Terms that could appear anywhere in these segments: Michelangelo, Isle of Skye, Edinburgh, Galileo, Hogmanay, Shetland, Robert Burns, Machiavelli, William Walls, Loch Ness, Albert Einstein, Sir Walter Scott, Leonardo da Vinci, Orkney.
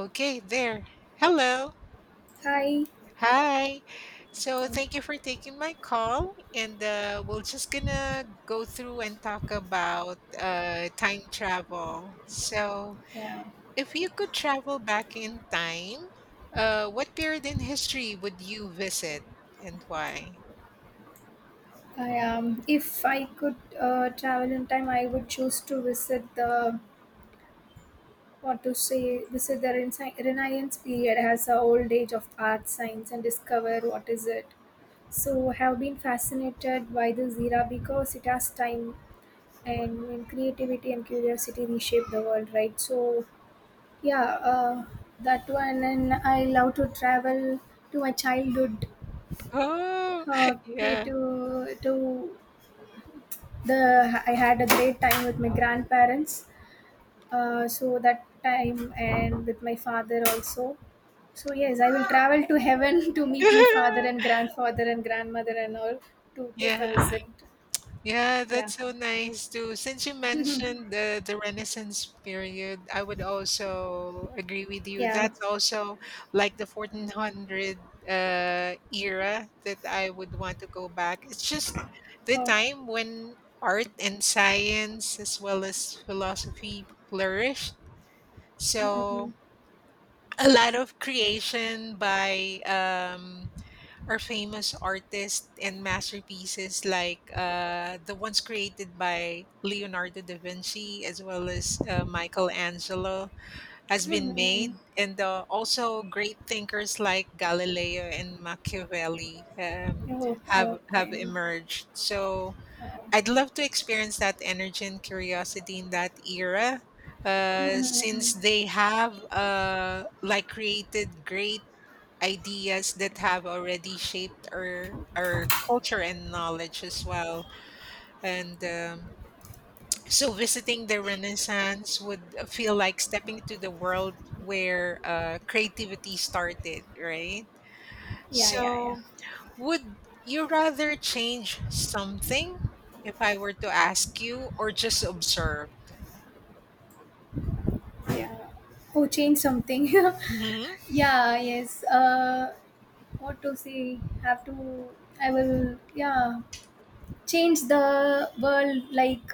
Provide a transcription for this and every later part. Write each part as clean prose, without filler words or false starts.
Okay, there. Hello. Hi. Hi. So thank you for taking my call, and we're just gonna go through and talk about time travel. So, Yeah. if you could travel back in time, what period in history would you visit, and why? I. If I could travel in time, I would choose to visit the what to say visit the Renaissance period as a old age of art science and discover what is it. So have been fascinated by this era because it has time and when creativity and curiosity reshape the world, right? So yeah, uh, that one and I love to travel to my childhood. Oh, Okay, yeah, to the I had a great time with my grandparents. So that time and with my father also. So yes, I will travel to heaven to meet my father and grandfather and grandmother and all to take a yeah. visit. Yeah, Yeah, that's so nice too. Since you mentioned the Renaissance period, I would also agree with you. yeah. That's also like the 1400 era that I would want to go back. It's just the Oh, time when art and science as well as philosophy flourished. mm-mm-mm. So a lot of creation by or famous artists and masterpieces like the ones created by Leonardo da Vinci as well as Michelangelo has been made, Mm. and also great thinkers like Galileo and Machiavelli Oh, have oh, have fine. emerged. So I'd Oh. love to experience that energy and curiosity in that era. Since Mm-mm-mm. they have like created great ideas that have already shaped our culture and knowledge as well. And so, visiting the Renaissance would feel like stepping into the world where creativity started, right? Yeah, yeah, yeah, So, would you rather change something? If I were to ask you, or just observe? yeah. Oh, change something. hmm Yeah, yes. What to say? Have to. I will. Yeah. Change the world like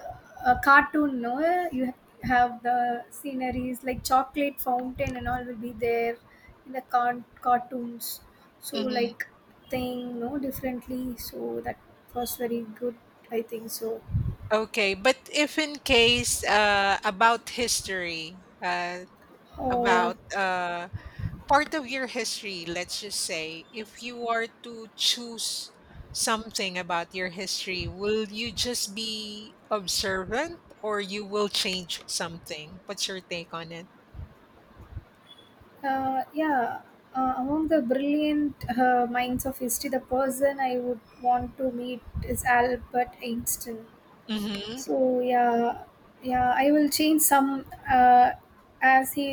a cartoon no you have the sceneries like chocolate fountain and all will be there in the cartoons so hmm like thing no differently so that was very good I think so. Okay, but if in case about history, Oh. about part of your history, let's just say, if you are to choose something about your history, will you just be observant or you will change something? What's your take on it? uh, yeah Among the brilliant minds of history the person I would want to meet is Albert Einstein. hmm So yeah, yeah, I will change some. As he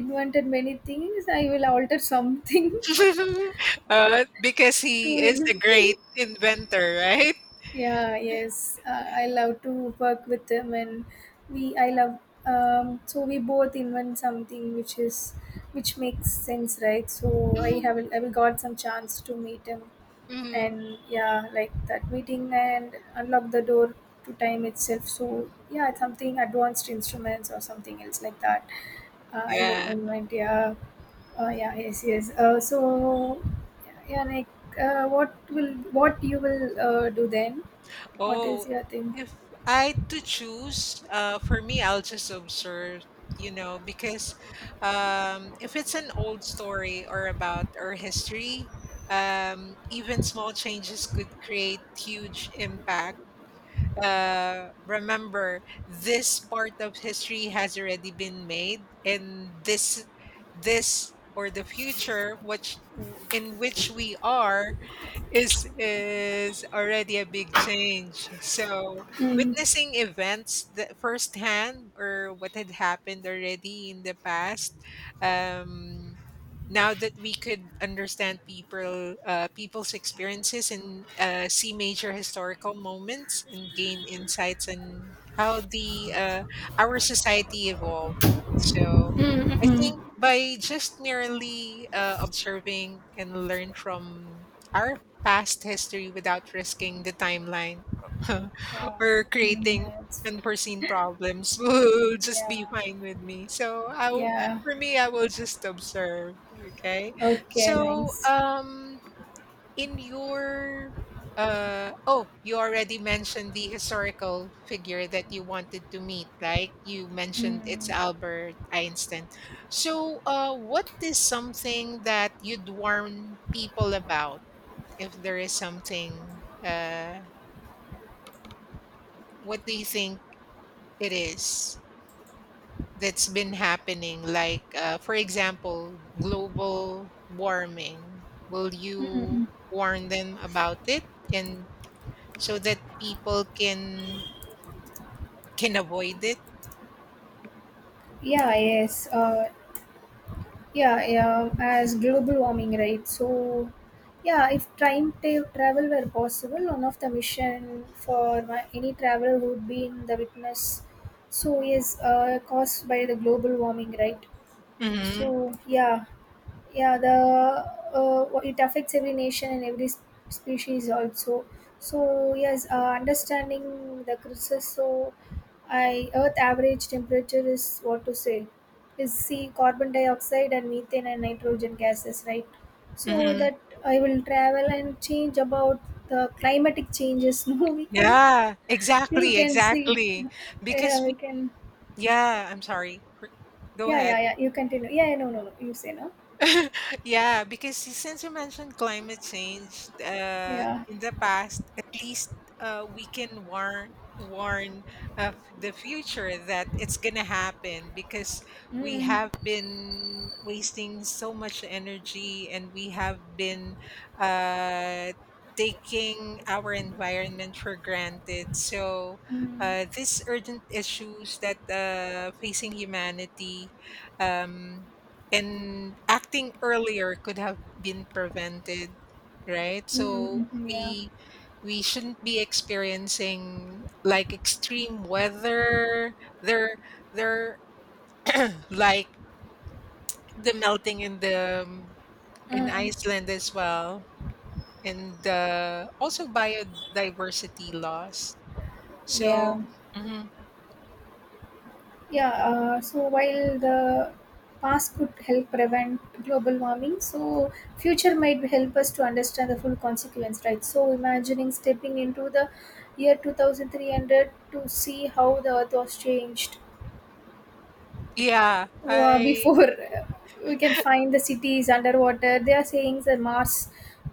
invented many things, I will alter something because to he is him. a great inventor, right? Yeah, yes, I love to work with him, and we, I love. So we both invent something which is which makes sense, right? So I will got some chance to meet him Mm-hmm. and yeah like that meeting and unlock the door to time itself so yeah something advanced instruments or something else like that. I will Yeah. moment yeah. Yeah yes so yeah like uh, what will what you will do then what Oh, is your thing. if I had to choose, for me, I'll just observe, you know, because if it's an old story or about our history, even small changes could create huge impact. Remember, this part of history has already been made, and this or the future, which in which we are, is already a big change. So Mm. witnessing events that firsthand or what had happened already in the past, um, now that we could understand people's experiences and see major historical moments and gain insights on how the our society evolved. So I think by just merely observing and learn from our past history without risking the timeline Yeah. or Mm, creating that's- unforeseen problems will just be yeah fine with me. So I will, yeah for me, I will just observe. Okay. okay So nice. In your oh, you already mentioned the historical figure that you wanted to meet, like you mentioned it's Mm. Albert Einstein. So what is something that you'd warn people about? If there is something what do you think it is that's been happening like for example global warming, will you Mm. warn them about it and so that people can avoid it? yeah yes uh, Yeah, yeah, as global warming, right? So, yeah, if travel were possible, one of the mission for my, any traveler would be in the witness. So, yes, caused by the global warming, right? hmm So, yeah, yeah the it affects every nation and every species also so yes understanding the crisis so I earth average temperature is what to say is see carbon dioxide and methane and nitrogen gases right so hmm that I will travel and change about the climatic changes no we can yeah, we exactly, can see exactly, because yeah we we, can yeah, I'm sorry, go yeah ahead. yeah yeah you continue yeah yeah, no no no you say no Yeah, because since you mentioned climate change, yeah. in the past, at least we can warn of the future that it's gonna happen because we Mm. have been wasting so much energy and we have been uh, taking our environment for granted. So Mm. These urgent issues that facing humanity. Um, and acting earlier could have been prevented, right? So Mm, mhm, yeah. we we shouldn't be experiencing like extreme weather, they're they're like the melting in the in Mm, Iceland as well and also biodiversity loss. So yeah. mhm. Yeah. So while the past could help prevent global warming, so future might help us to understand the full consequence, right? So imagining stepping into the year 2300 to see how the earth was changed Yeah, I before. We can find the cities underwater they are saying that mars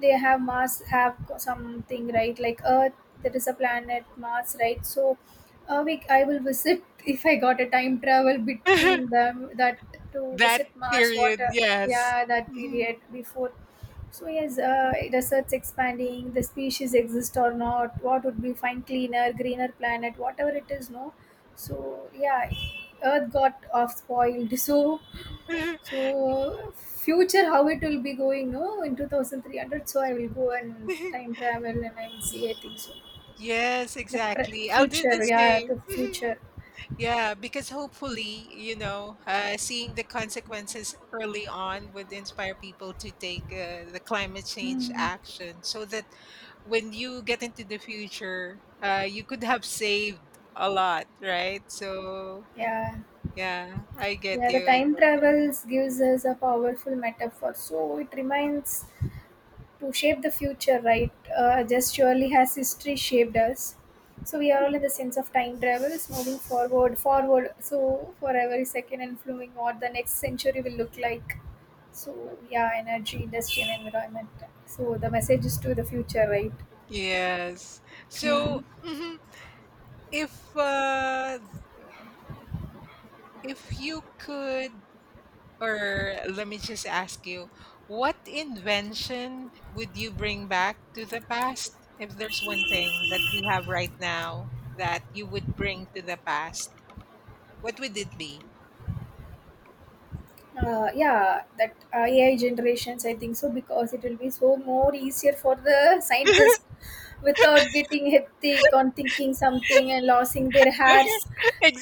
they have mars have something right like earth there is a planet mars right so a we I will visit if I got a time travel between them that to that visit mars period, water yes. yeah that period before. So yes, research expanding, the species exist or not, what would be find cleaner, greener planet, whatever it is, no. So yeah, earth got off spoiled so Mhm. so future how it will be going no in 2300 so I will go and time travel and I will see I think so Yes, the exactly. I'll do the future yeah same. the future. Yeah, because hopefully, you know, seeing the consequences early on would inspire people to take the climate change Mm, action so that when you get into the future, you could have saved a lot, right? So, yeah yeah, I get yeah the you. I time get travels gives us a powerful metaphor so it reminds to shape the future, right? Just surely has history shaped us. So we are all in the sense of time travel is moving forward, forward. So for every second and flowing what the next century will look like. So yeah, energy, industry, and environment. So the message is to the future, right? Yes. So, Mm. mhm, if uh, if you could Or let me just ask you, what invention would you bring back to the past? If there's one thing that we have right now that you would bring to the past, what would it be? Yeah, that AI generations, I think so, because it will be so more easier for the scientists without getting hectic on thinking something and losing their hairs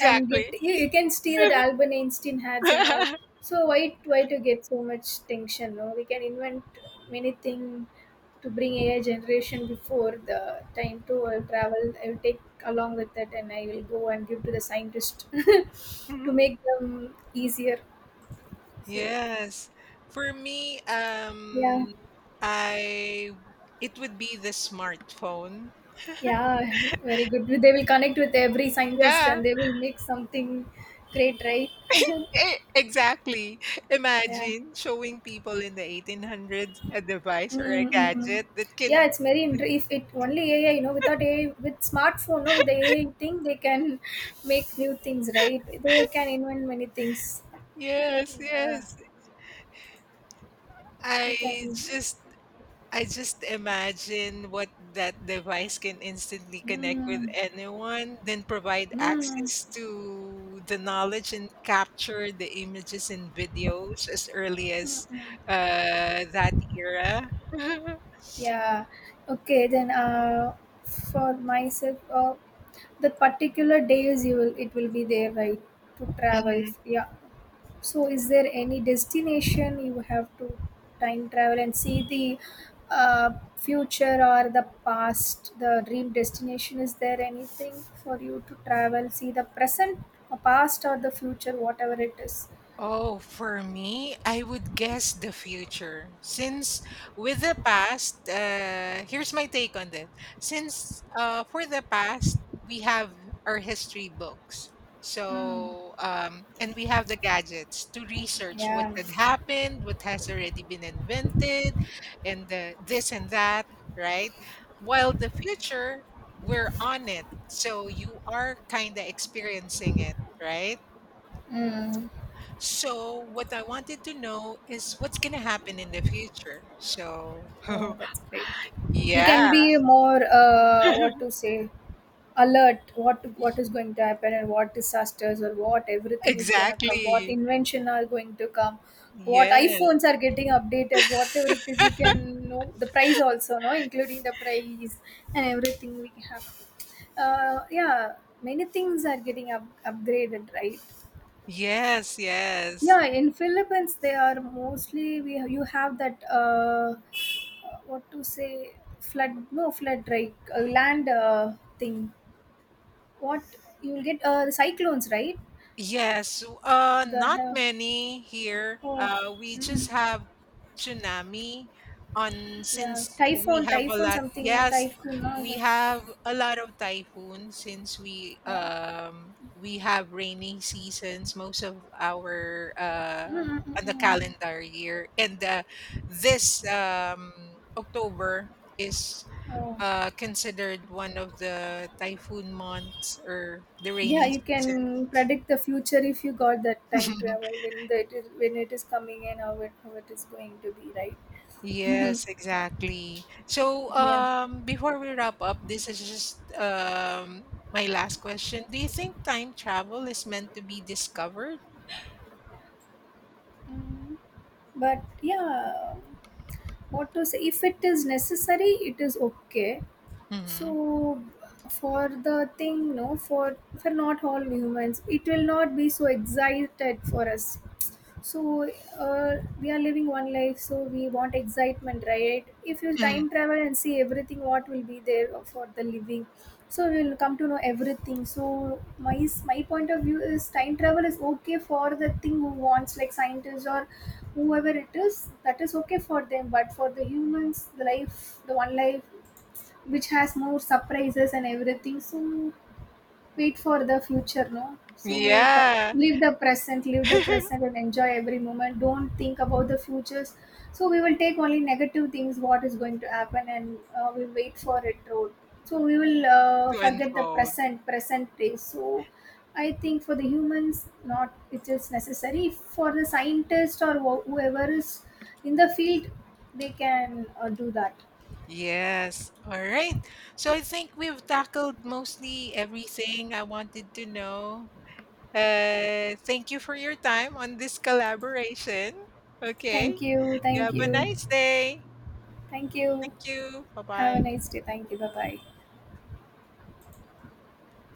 and you can see that Albert Einstein hairs and all. So why to get so much tension? No, we can invent many things to bring AI generation before the time to travel. I will take along with that and I will go and give to the scientist to Mhm. make them easier. So Yes. For me, yeah, I it would be the smartphone. yeah, very good. They will connect with every scientist Yeah. and they will make something great, right? E- Exactly. Yeah. Imagine showing people in the 1800s a device or a Mm-mm-mm. gadget that can Yeah, it's very interesting. If it only AI, you know, without AI, with smartphone, no, with the AI thing, they can make new things, right? They can invent many things. Yes, Yeah, yes. we I can. just I just imagine what that device can instantly connect with Mm, anyone, then provide mm. access to the knowledge and capture the images and videos as early as that era. Yeah, okay, then for myself, the particular days you will it will be there, right, to travel. Mhm. Yeah. So, is there any destination you have to time travel and see the future or the past, the dream destination? Is there anything for you to travel, see the present, or past, or the future, whatever it is? Oh, for me, I would guess the future. Since with the past, here's my take on that. Since for the past, we have our history books. Mm. So, and we have the gadgets to research what Yeah. had happened, what has already been invented, and the this and that, right? While the future, we're on it. So you are kind of experiencing it, right? Mm. So what I wanted to know is what's gonna happen in the future. So Oh, that's great. We yeah, can be more what to say alert y- what is going to happen and what disasters or what everything is going to come what exactly. invention are going to come what Yes, iphones are getting updated whatever it is we can know the price also no including the price and everything we have yeah many things are getting upgraded right yes, yes. yeah, in Philippines they are mostly we you have that what to say flood no flood right land thing. What you'll get the cyclones right? Yes, The not uh, many here. oh We mm, just have tsunami on yeah since we typhoon have a typhoon lot. something Yes, typhoon we yeah. have a lot of typhoons since we have rainy seasons most of our Mm, mm, on mm, the mm. calendar year. And this October is Oh. Considered one of the typhoon months or the Yeah, rainy you season. can predict the future if you got that time travel when the, it is when it is coming and how it is going to be, right? Mm-hmm. Yes, exactly. So, Yeah. Before we wrap up, this is just my last question. Do you think time travel is meant to be discovered? Mm, but yeah what to say if it is necessary it is okay hmm so for the thing no for not all humans it will not be so excited for us so we are living one life so we want excitement right if you time travel and see everything what will be there for the living so we will come to know everything so my point of view is time travel is okay for the thing who wants like scientists or whoever it is that is okay for them but for the humans the life the one life which has more surprises and everything so wait for the future, no? So Yeah, live the present and enjoy every moment. Don't think about the futures. So we will take only negative things, what is going to happen, and we wait for it road. So we will to forget the unfold. present, present day. So I think for the humans, not it is necessary. For the scientist or whoever is in the field, they can do that. Yes. All right. So I think we've tackled mostly everything I wanted to know. Thank you for your time on this collaboration. Thank Okay. you, You thank have a you, nice day. thank Thank you. you. Bye Have a bye. nice day. Thank you. Bye bye.